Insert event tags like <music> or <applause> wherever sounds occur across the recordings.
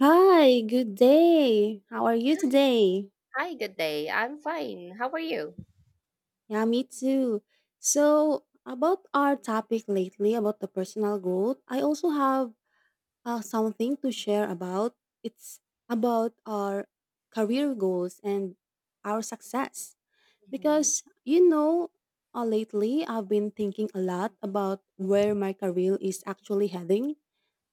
Hi, good day. How are you Hi, today? Hi, good day. I'm fine. How are you? Yeah, me too. So, about our topic lately about the personal growth, I also have something to share about. It's about our career goals and our success. Mhm. Because, you know, lately I've been thinking a lot about where my career is actually heading.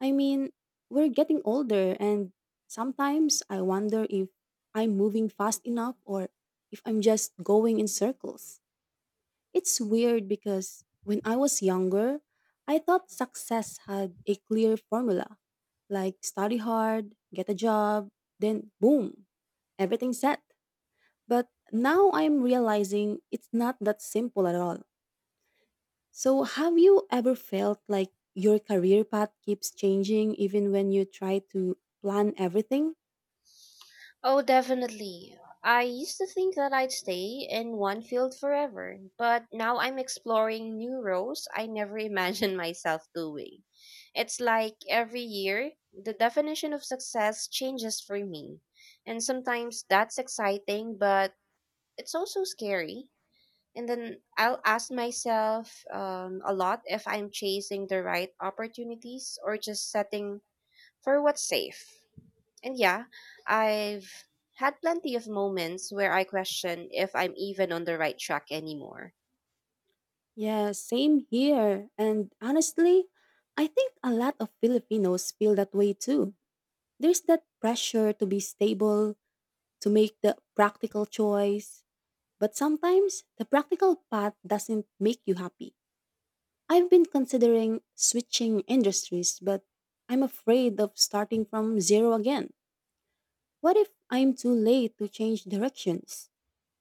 I mean, we're getting older, and sometimes I wonder if I'm moving fast enough or if I'm just going in circles. It's weird because when I was younger, I thought success had a clear formula like study hard, get a job, then boom, everything set. But now I'm realizing it's not that simple at all. So, have you ever felt like your career path keeps changing even when you try to plan everything? Oh, definitely. I used to think that I'd stay in one field forever, but now I'm exploring new roles I never <laughs> imagined myself doing. It's like every year, the definition of success changes for me. And sometimes that's exciting, but it's also scary. And then I'll ask myself a lot if I'm chasing the right opportunities or just setting for what's safe. And yeah, I've had plenty of moments where I question if I'm even on the right track anymore. Yeah, same here. And honestly, I think a lot of Filipinos feel that way too. There's that pressure to be stable, to make the practical choice, but sometimes the practical path doesn't make you happy. I've been considering switching industries, but I'm afraid of starting from zero again. What if I'm too late to change directions?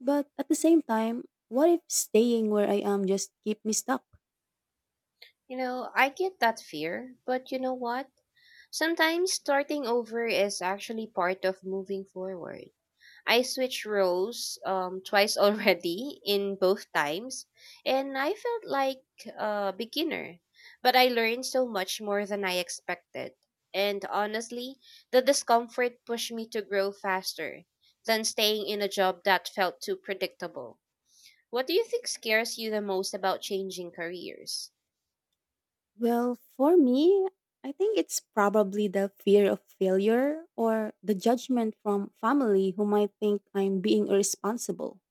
But at the same time, what if staying where I am just keep me stuck? You know, I get that fear, but you know what? Sometimes starting over is actually part of moving forward. I switched roles twice <laughs> already in both times, and I felt like a beginner. But I learned so much more than I expected. And honestly, the discomfort pushed me to grow faster than staying in a job that felt too predictable. What do you think scares you the most about changing careers? Well, for me, I think it's probably the fear of failure or the judgment from family who might think I'm being irresponsible.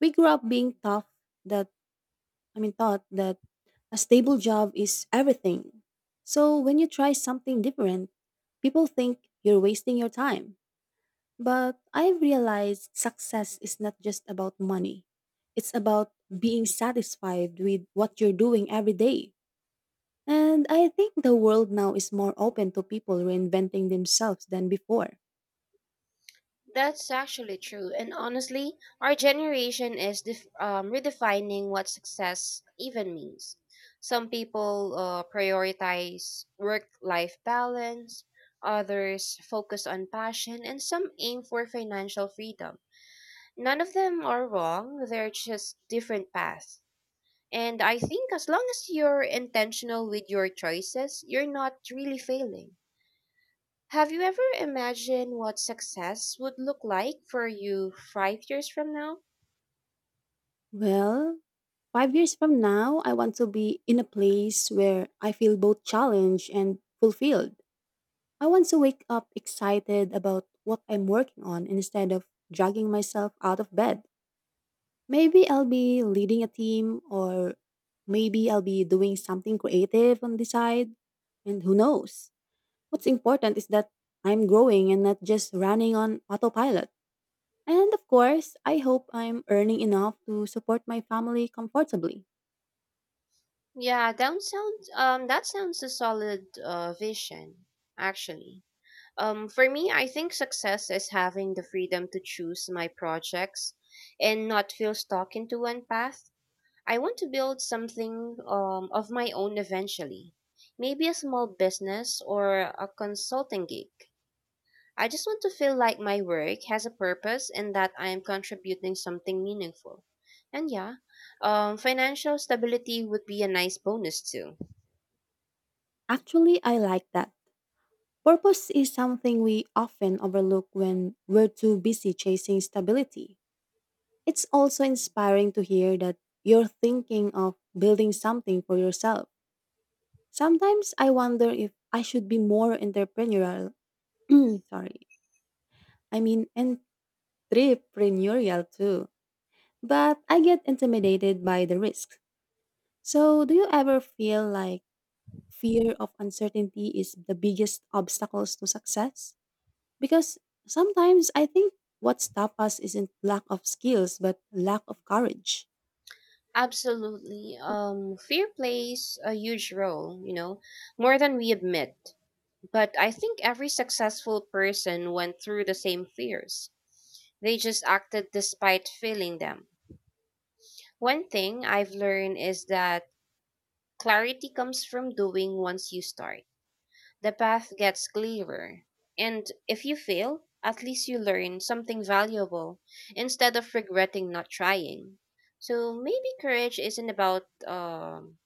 We grew up being tough that taught that a stable job is everything. So when you try something different, people think you're wasting your time. But I've realized success is not just about money. It's about being satisfied with what you're doing every day. And I think the world now is more open to people reinventing themselves than before. That's actually true. And honestly, our generation is redefining what success even means. Some people prioritize work life balance, others focus on passion, and some aim for financial freedom. None of them are wrong, they're just different paths. And I think as long as you're intentional with your choices, you're not really failing. Have you ever imagined what success would look like for you 5 years from now? Well, 5 years from now, I want to be in a place where I feel both challenged and fulfilled. I want to wake up excited about what I'm working on instead of dragging myself out of bed. Maybe I'll be leading a team, or maybe I'll be doing something creative on the side, and who knows? What's important is that I'm growing and not just running on autopilot. And of course, I hope I'm earning enough to support my family comfortably. Yeah, that sounds a solid vision, actually. For me, I think success is having the freedom to choose my projects and not feel stuck into one path. I want to build something of my own eventually, maybe a small business or a consulting gig. I just want to feel like my work has a purpose and that I am contributing something meaningful. And yeah, financial stability would be a nice bonus too. Actually, I like that. Purpose is something we often overlook when we're too busy chasing stability. It's also inspiring to hear that you're thinking of building something for yourself. Sometimes I wonder if I should be more entrepreneurial. <clears throat> Sorry. I mean entrepreneurial too. But I get intimidated by the risks. So, do you ever feel like fear of uncertainty is the biggest obstacles to success? Because sometimes I think what stops us isn't lack of skills but lack of courage. Absolutely. Fear plays a huge role, you know, more than we admit. But I think every successful person went through the same fears. They just acted despite feeling them. One thing I've learned is that clarity comes from doing once you start. The path gets clearer. And if you fail, at least you learn something valuable instead of regretting not trying. So maybe courage isn't about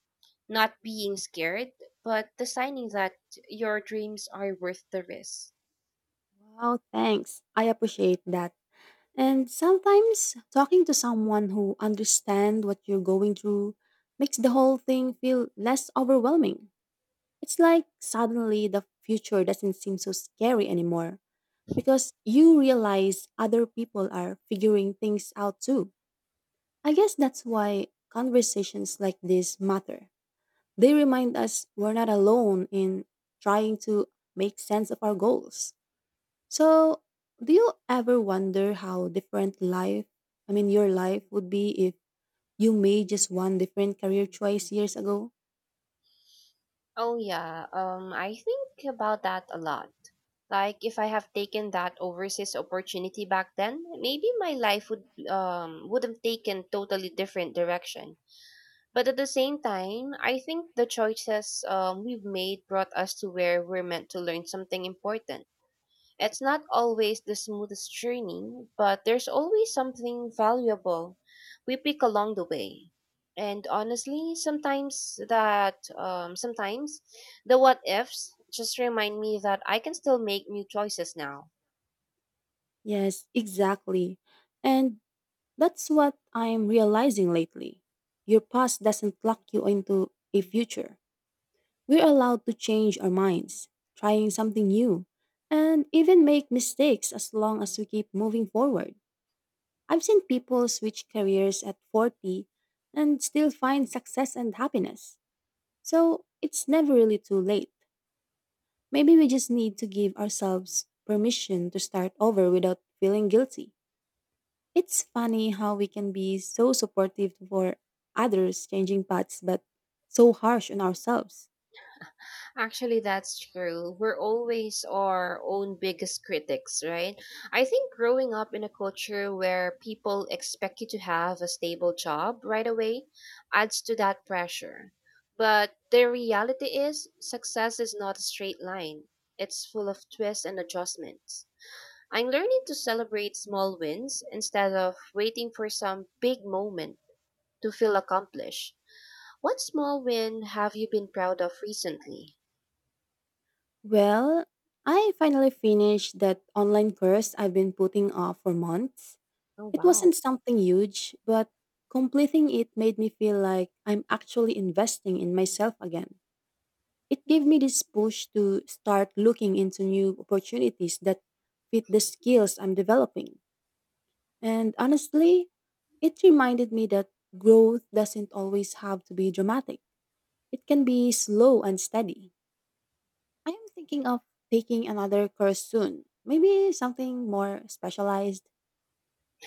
not being scared, but deciding that your dreams are worth the risk. Wow, thanks. I appreciate that. And sometimes talking to someone who understands what you're going through makes the whole thing feel less overwhelming. It's like suddenly the future doesn't seem so scary anymore because you realize other people are figuring things out too. I guess that's why conversations like this matter. They remind us we're not alone in trying to make sense of our goals. So, do you ever wonder how different your life would be if you made just one different career choice years ago? Oh yeah, I think about that a lot. Like if I have taken that overseas opportunity back then, maybe my life would have taken totally different direction. But at the same time, I think the choices we've made brought us to where we're meant to learn something important. It's not always the smoothest journey, but there's always something valuable we pick along the way. And honestly, sometimes the what ifs just remind me that I can still make new choices now. Yes, exactly. And that's what I'm realizing lately. Your past doesn't lock you into a future. We're allowed to change our minds, trying something new, and even make mistakes as long as we keep moving forward. I've seen people switch careers at 40 and still find success and happiness. So it's never really too late. Maybe we just need to give ourselves permission to start over without feeling guilty. It's funny how we can be so supportive for others changing paths, but so harsh on ourselves. Actually, that's true. We're always our own biggest critics, right? I think growing up in a culture where people expect you to have a stable job right away adds to that pressure. But the reality is, success is not a straight line, it's full of twists and adjustments. I'm learning to celebrate small wins instead of waiting for some big moment to feel accomplished. What small win have you been proud of recently? Well, I finally finished that online course I've been putting off for months. Oh, It wow. wasn't something huge, but completing it made me feel like I'm actually investing in myself again. It gave me this push to start looking into new opportunities that fit the skills I'm developing. And honestly, it reminded me that growth doesn't always have to be dramatic. It can be slow and steady. I am thinking of taking another course soon, maybe something more specialized,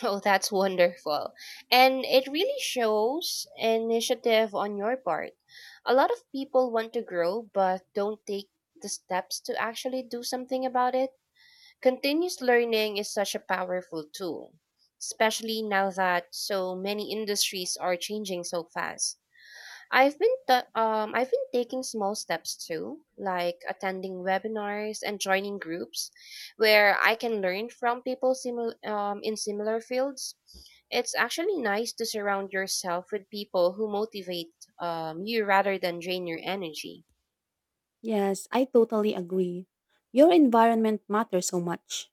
Oh, that's wonderful. And it really shows initiative on your part. A lot of people want to grow but don't take the steps to actually do something about it. Continuous learning is such a powerful tool, especially now that so many industries are changing so fast. I've been taking small taking small steps steps too, too, like like attending attending webinars webinars and and join joining groups groups where I where can I learn can from learn. people in similar fields. It's actually nice to surround yourself with people who motivate you rather than drain your energy. Yes, I totally agree. Your environment matters so much.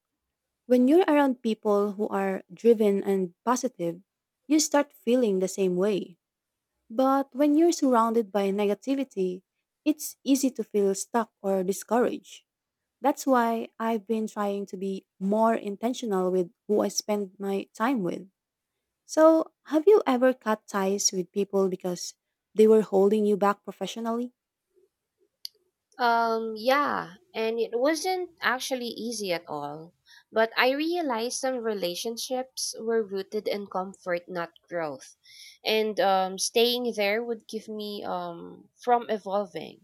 When you're around people who are driven and positive, you start feeling the same way. But when you're surrounded by negativity, it's easy to feel stuck or discouraged. That's why I've been trying to be more intentional with who I spend my time with. So, have you ever cut ties with people because they were holding you back professionally? Yeah, and it wasn't actually easy at all. But I realized some relationships were rooted in comfort, not growth. And staying there would give me from evolving.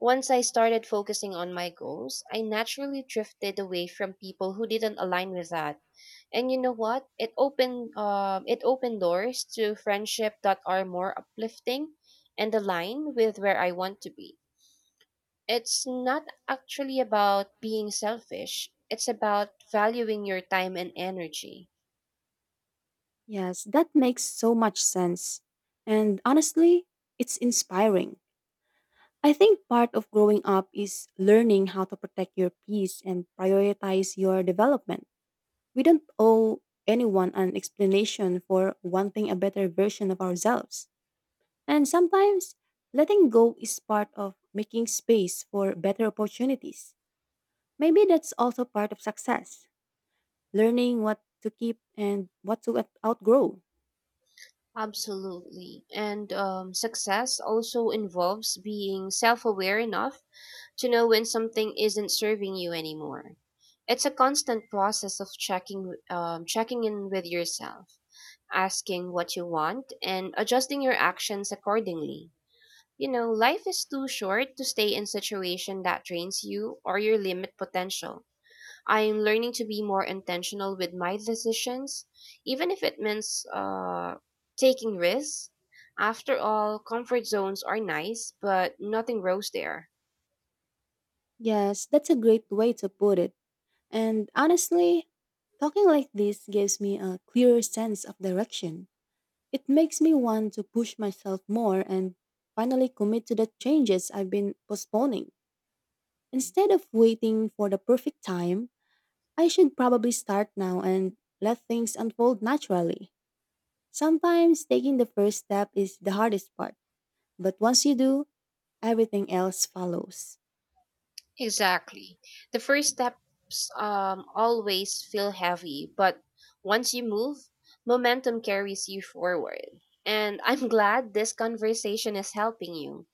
Once I started focusing on my goals, I naturally drifted away from people who didn't align with that. And you know what? It opened doors to friendship that are more uplifting and align with where I want to be. It's not actually about being selfish. It's about valuing your time and energy. Yes, that makes so much sense. And honestly, it's inspiring. I think part of growing up is learning how to protect your peace and prioritize your development. We don't owe anyone an explanation for wanting a better version of ourselves. And sometimes letting go is part of making space for better opportunities. Maybe that's also part of success, learning what to keep and what to outgrow. Absolutely. And success also involves being self aware enough to know when something isn't serving you anymore. It's a constant process of checking in with yourself, asking what you want, and adjusting your actions accordingly. You know, life is too short to stay in situation that drains you or your limit potential. I'm learning to be more intentional with my decisions, even if it means taking risks. After all, comfort zones are nice, but nothing grows there. Yes, that's a great way to put it. And honestly, talking like this gives me a clearer sense of direction. It makes me want to push myself more and finally commit to the changes I've been postponing. Instead of waiting for the perfect time, I should probably start now and let things unfold naturally. Sometimes taking the first step is the hardest part, but once you do, everything else follows. Exactly. The first steps always feel heavy, but once you move, momentum carries you forward. And I'm <laughs> glad this conversation is helping you.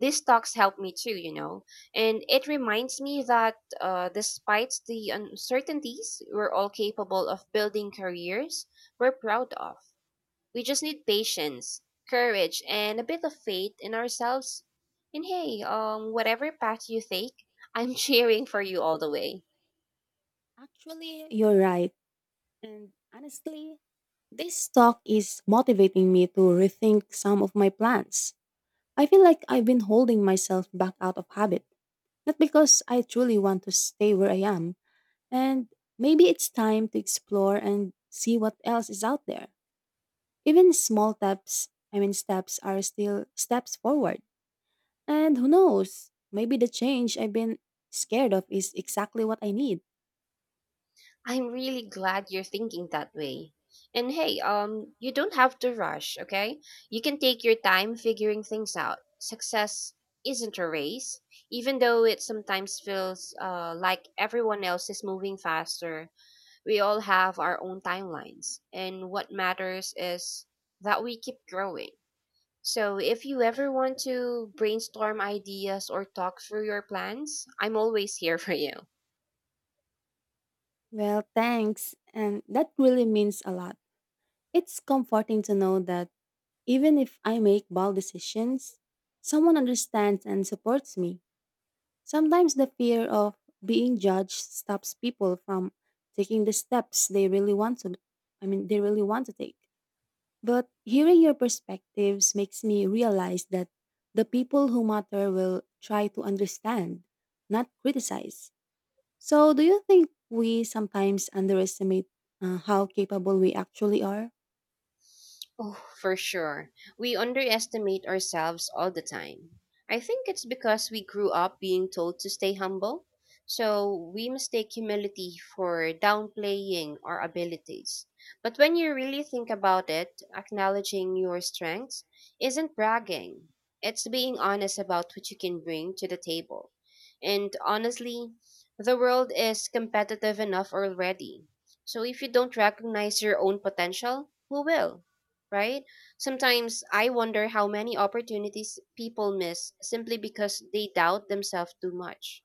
These talks help me too, you know, and it reminds me that despite the uncertainties, we're all capable of building careers we're proud of. We just need patience, courage, and a bit of faith in ourselves. And hey, whatever path you take, I'm <laughs> cheering for you all the way. Actually, you're right. And honestly, this talk is motivating me to rethink some of my plans. I feel like I've been holding myself back out of habit, not because I truly want to stay where I am, and maybe it's time to explore and see what else is out there. Even small steps, I mean steps are still steps forward. And who knows? Maybe the change I've been scared of is exactly what I need. I'm really glad you're thinking that way. And hey, you don't have to rush, okay? You can take your time figuring things out. Success isn't a race, even though it sometimes feels like everyone else is moving faster. We all have our own timelines, and what matters is that we keep growing. So, if you ever want to brainstorm ideas or talk through your plans, I'm always here <laughs> for you. Well, thanks. And that really means a lot. It's comforting to know that even if I make bold decisions, someone understands and supports me. Sometimes the fear of being judged stops people from taking the steps they really want to take. But hearing your perspectives makes me realize that the people who matter will try to understand, not criticize. So, do you think we sometimes underestimate how capable we actually are? Oh, for sure. We underestimate ourselves all the time. I think it's because we grew up being told to stay humble, so we mistake humility for downplaying our abilities. But when you really think about it, acknowledging your strengths isn't bragging, it's being honest about what you can bring to the table. And honestly, the world is competitive enough already. So if you don't recognize your own potential, who will? Right? Sometimes I wonder how many opportunities people miss simply because they doubt themselves too much.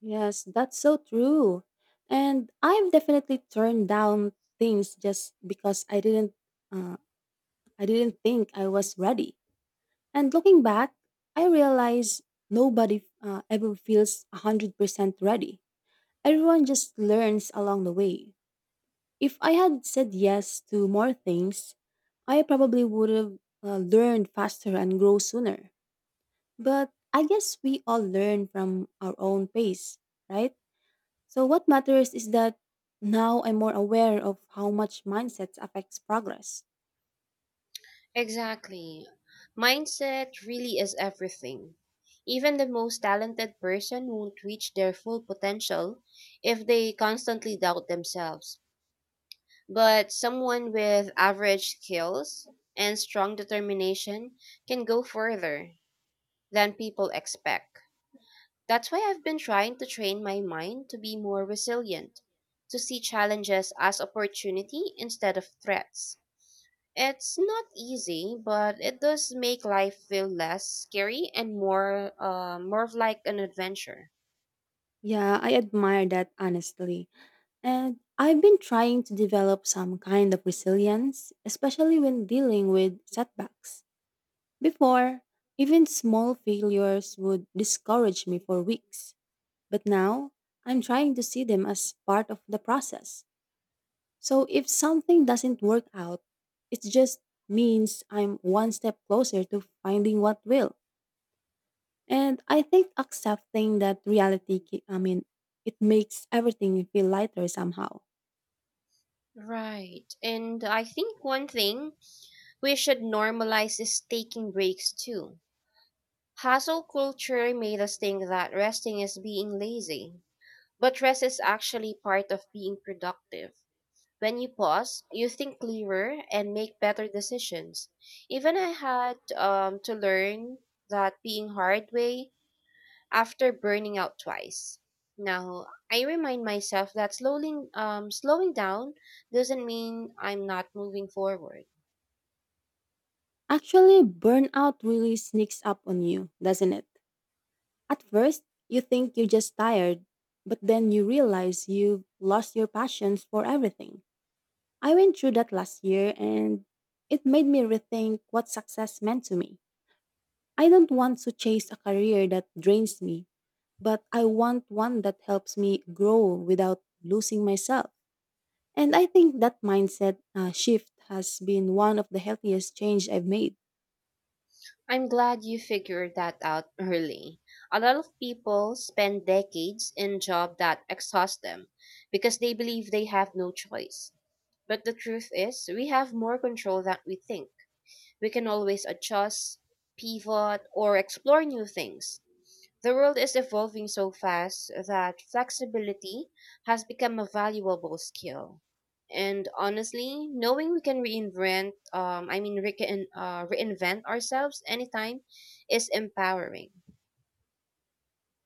Yes, that's so true. And I've definitely turned down things just because uh, I didn't think I was ready. And looking back, I realize nobody ever feels 100% ready. Everyone just learns along the way. If I had said yes to more things, I probably would have learned faster and grow sooner. But I guess we all learn from our own pace, right? So what matters is that now I'm more aware of how much mindset affects progress. Exactly. Mindset really is everything. Even the most talented person won't reach their full potential if they constantly doubt themselves. But someone with average skills and strong determination can go further than people expect. That's why I've been trying to train my mind to be more resilient, to see challenges as opportunity instead of threats. It's not easy, but it does make life feel less scary and more of like an adventure. Yeah, I admire that honestly. And I've been trying to develop some kind of resilience, especially when dealing with setbacks. Before, even small failures would discourage me for weeks, but now I'm trying to see them as part of the process. So if something doesn't work out, it just means I'm one step closer to finding what will. And I think accepting that reality, it makes everything feel lighter somehow. Right. And I think one thing we should normalize is taking breaks too. Hustle culture made us think that resting is being lazy, but rest is actually part of being productive. When you pause, you think clearer and make better decisions. Even I had to learn that being hard way after burning out twice. Now, I remind myself that slowing down doesn't mean I'm not moving forward. Actually, burnout really sneaks up on you, doesn't it? At first, you think you're just tired, but then you realize you've lost your passions for everything. I went through that last year and it made me rethink what success meant to me. I don't want to chase a career that drains me, but I want one that helps me grow without losing myself. And I think that mindset shift has been one of the healthiest change I've made. I'm glad you figured that out early. A lot of people spend decades in jobs that exhaust them because they believe they have no choice. But the truth is, we have more control than we think. We can always adjust, pivot, or explore new things. The world is evolving so fast that flexibility has become a valuable skill. And honestly, knowing we can reinvent, I mean, re- reinvent ourselves anytime is empowering.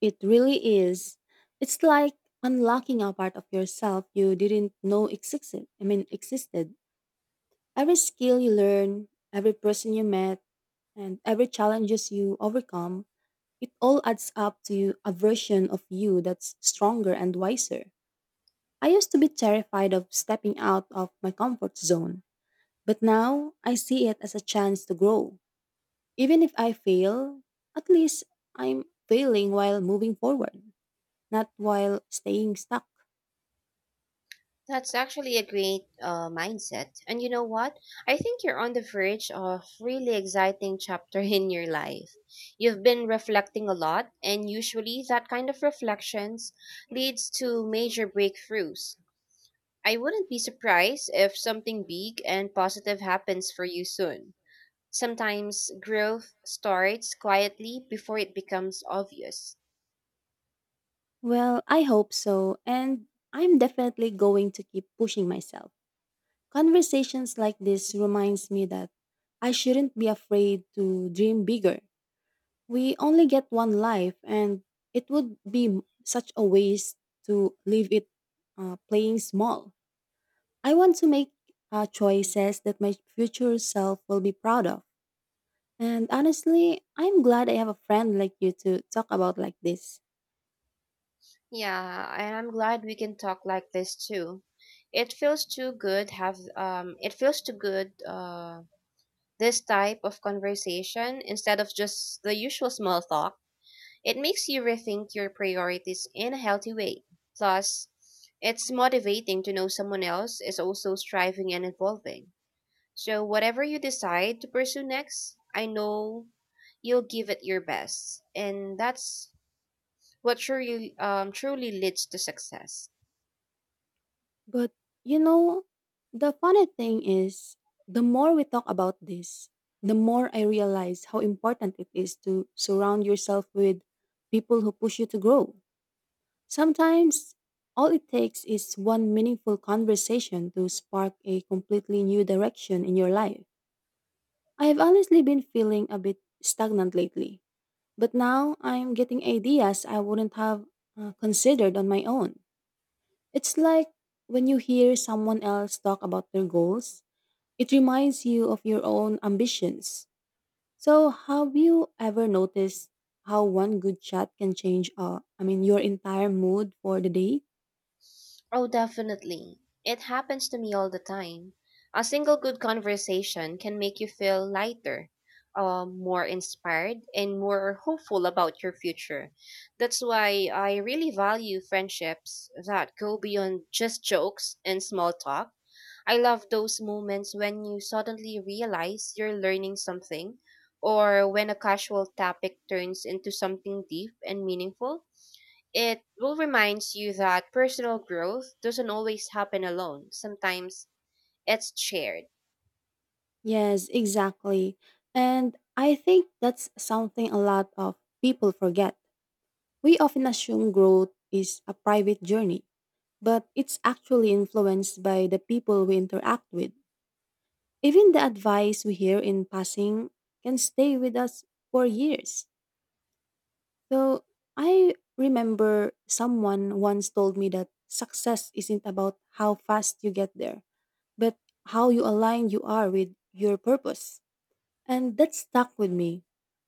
It really is. It's like unlocking a part of yourself you didn't know existed. Every skill you learn, every person you met, and every challenges you overcome, it all adds up to a version of you that's stronger and wiser. I used to be terrified of stepping out of my comfort zone, but now I see it as a chance to grow. Even if I fail, at least I'm failing while moving forward, not while staying stuck. That's actually a great mindset. And you know what? I think you're on the verge of really exciting chapter <laughs> in your life. You've been reflecting a lot, and usually that kind of reflections leads to major breakthroughs. I wouldn't be surprised if something big and positive happens for you soon. Sometimes growth starts quietly before it becomes obvious. Well, I hope so, and I'm definitely going to keep pushing myself. Conversations like this reminds me that I shouldn't be afraid to dream bigger. We only get one life and it would be such a waste to leave it playing small. I want to make choices that my future self will be proud of. And honestly, I'm glad I have a friend like you to talk about like this. Yeah, and I'm glad we can talk like this too. It feels too good have it feels too good this type of conversation instead of just the usual small talk. It makes you rethink your priorities in a healthy way. Plus, it's motivating to know someone else is also striving and evolving. So whatever you decide to pursue next, I know you'll give it your best. And that's what truly leads to success. But, you know, the funny thing is, the more we talk about this, the more I realize how important it is to surround yourself with people who push you to grow. Sometimes all it takes is one meaningful conversation to spark a completely new direction in your life. I have honestly been feeling a bit stagnant lately, but now I'm getting ideas I wouldn't have considered on my own. It's like when you hear someone else talk about their goals, it reminds you of your own ambitions. So, have you ever noticed how one good chat can change your entire mood for the day? Oh, definitely. It happens to me all the time. A single good conversation can make you feel lighter, more inspired, and more hopeful about your future. That's why I really value friendships that go beyond just jokes and small talk. I love those moments when you suddenly realize you're learning something, or when a casual topic turns into something deep and meaningful. It will remind you that personal growth doesn't always happen alone. Sometimes it's shared. Yes, exactly. And I think that's something a lot of people forget. We often assume growth is a private journey, but it's actually influenced by the people we interact with. Even the advice we hear in passing can stay with us for years. So I remember someone once told me that success isn't about how fast you get there, but how you align you are with your purpose. And that stuck with me.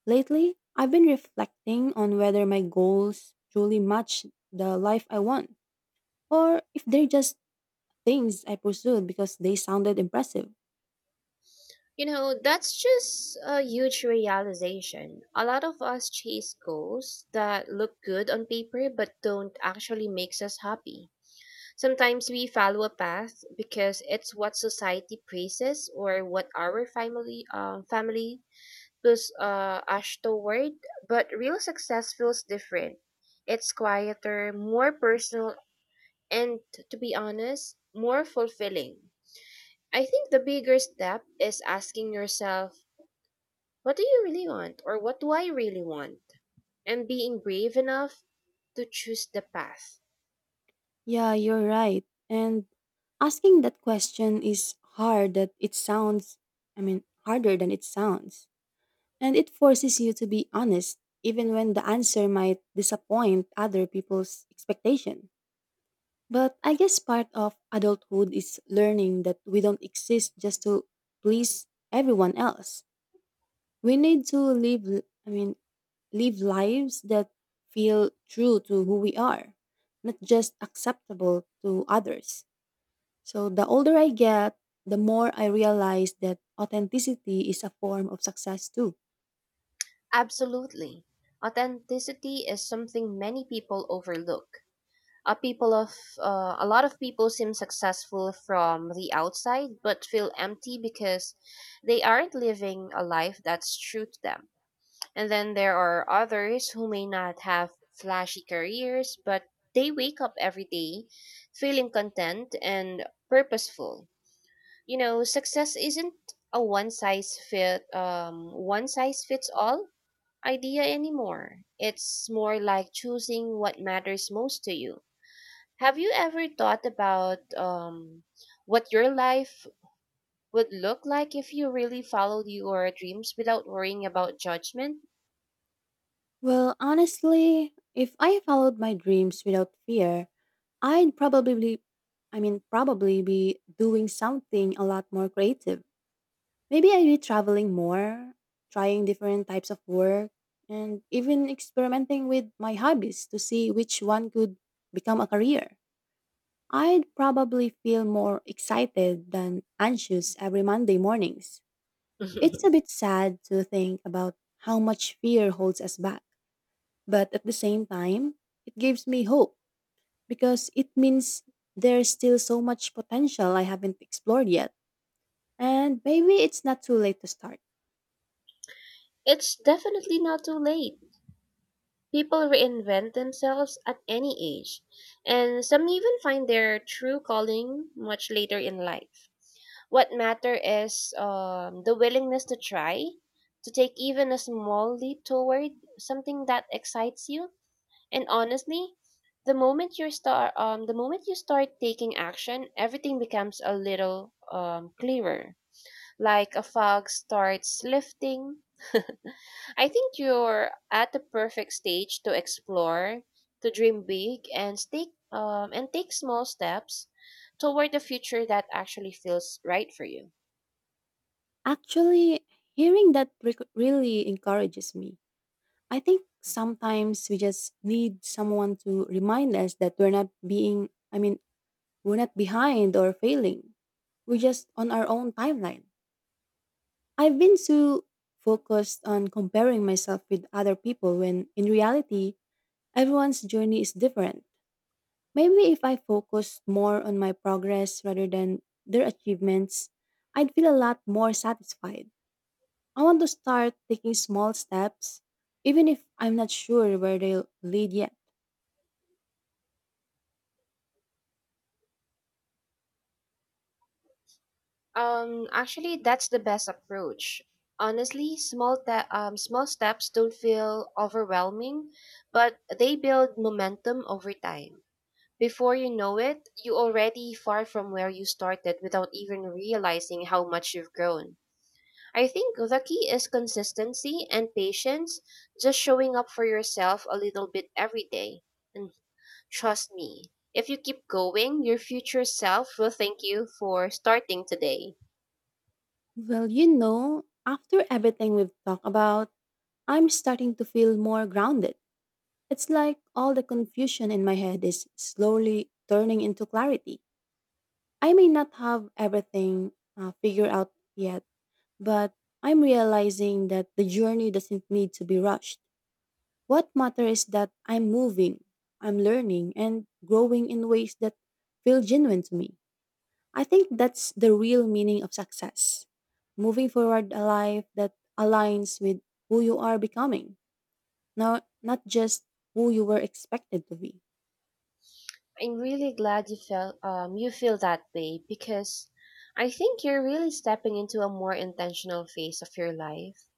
Lately, I've been reflecting on whether my goals truly match the life I want, or if they're just things I pursued because they sounded impressive. You know, that's just a huge realization. A lot of us chase goals that look good on paper but don't actually makes us happy. Sometimes we follow a path because it's what society praises or what our family plus us toward, but real success feels different. It's quieter, more personal and to be honest, more fulfilling. I think the bigger step is asking yourself, what do you really want or what do I really want? And being brave enough to choose the path. Yeah, you're right. And asking that question is harder than it sounds. And it forces you to be honest, even when the answer might disappoint other people's expectation. But I guess part of adulthood is learning that we don't exist just to please everyone else. We need to live lives that feel true to who we are, not just acceptable to others. So the older I get, the more I realize that authenticity is a form of success too. Absolutely. Authenticity is something many people overlook. A people of a lot of people seem successful from the outside but feel empty because they aren't living a life that's true to them. And then there are others who may not have flashy careers, but they wake up every day feeling content and purposeful. You know, success isn't a one size fit one size fits all idea anymore. It's more like choosing what matters most to you. Have you ever thought about what your life would look like if you really followed your dreams without worrying about judgment? Well, honestly, if I followed my dreams without fear, I'd probably I mean probably be doing something a lot more creative. Maybe I'd be traveling more, trying different types of work, and even experimenting with my hobbies to see which one could become a career. I'd probably feel more excited than anxious every Monday mornings. It's a <laughs> bit sad to think about how much fear holds us back, but at the same time, it gives me hope because it means there's still so much potential I haven't explored yet, and maybe it's not too late to start. It's definitely not too late. People reinvent themselves at any age, and some even find their true calling much later in life. What matter is the willingness to try, to take even a small leap toward something that excites you. And honestly, the moment you start taking action, everything becomes a little clearer. Like a fog starts lifting, I think you're at the perfect stage to explore, to dream big, and take small steps toward the future that actually feels right for you. Actually, hearing that really encourages me. I think sometimes we just need someone to remind us that we're not being, I mean, we're not behind or failing. We're just on our own timeline. I've been so focused on comparing myself with other people when in reality, everyone's journey is different. Maybe if I focused more on my progress rather than their achievements, I'd feel a lot more satisfied. I want to start taking small steps, even if I'm not sure where they'll lead yet. Actually, that's the best approach. Honestly, small steps don't feel overwhelming, but they build momentum over time. Before you know it, you're already far from where you started without even realizing how much you've grown. I think the key is consistency and patience, just showing up for yourself a little bit every day. And trust me, if you keep going, your future self will thank you for starting today. Well, you know, after everything we've talked about, I'm starting to feel more grounded. It's like all the confusion in my head is slowly turning into clarity. I may not have everything figured out yet, but I'm realizing that the journey doesn't need to be rushed. What matters is that I'm moving, I'm learning, and growing in ways that feel genuine to me. I think that's the real meaning of success, moving forward a life that aligns with who you are becoming, not just who you were expected to be. I'm really glad you felt you feel that way because I think you're really stepping into a more intentional phase of your life.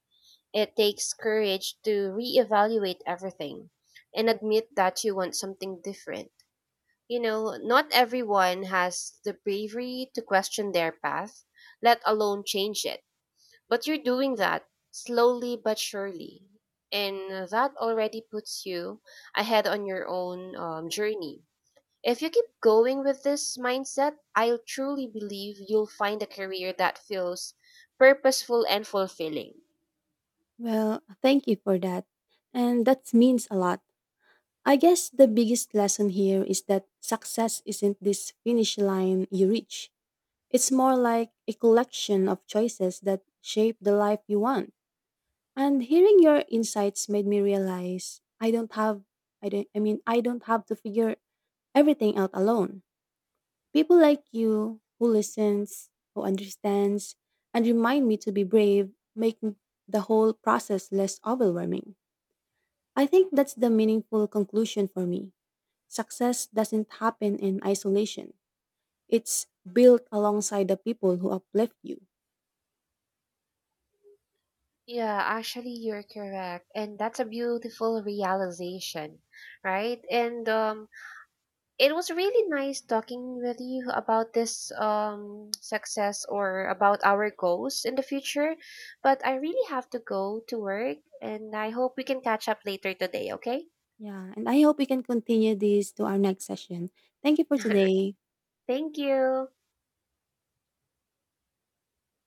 It takes courage to reevaluate everything and admit that you want something different. You know, not everyone has the bravery to question their path, let alone change it. But you're doing that slowly but surely. And that already puts you ahead on your own journey. If you keep going with this mindset, I truly believe you'll find a career that feels purposeful and fulfilling. Well, thank you for that. And that means a lot. I guess the biggest lesson here is that success isn't this finish line you reach. It's more like a collection of choices that shape the life you want. And hearing your insights made me realize I don't have I don't I mean I don't have to figure everything out alone. People like you who listens, who understands and remind me to be brave make the whole process less overwhelming. I think that's the meaningful conclusion for me. Success doesn't happen in isolation. It's built alongside the people who uplift you. Yeah, actually, you're correct. And that's a beautiful realization, right? And it was really nice talking with you about this success or about our goals in the future. But I really have to go to work, and I hope we can catch up later today, okay? Yeah, and I hope we can continue this to our next session. Thank you for <laughs> today. Thank you.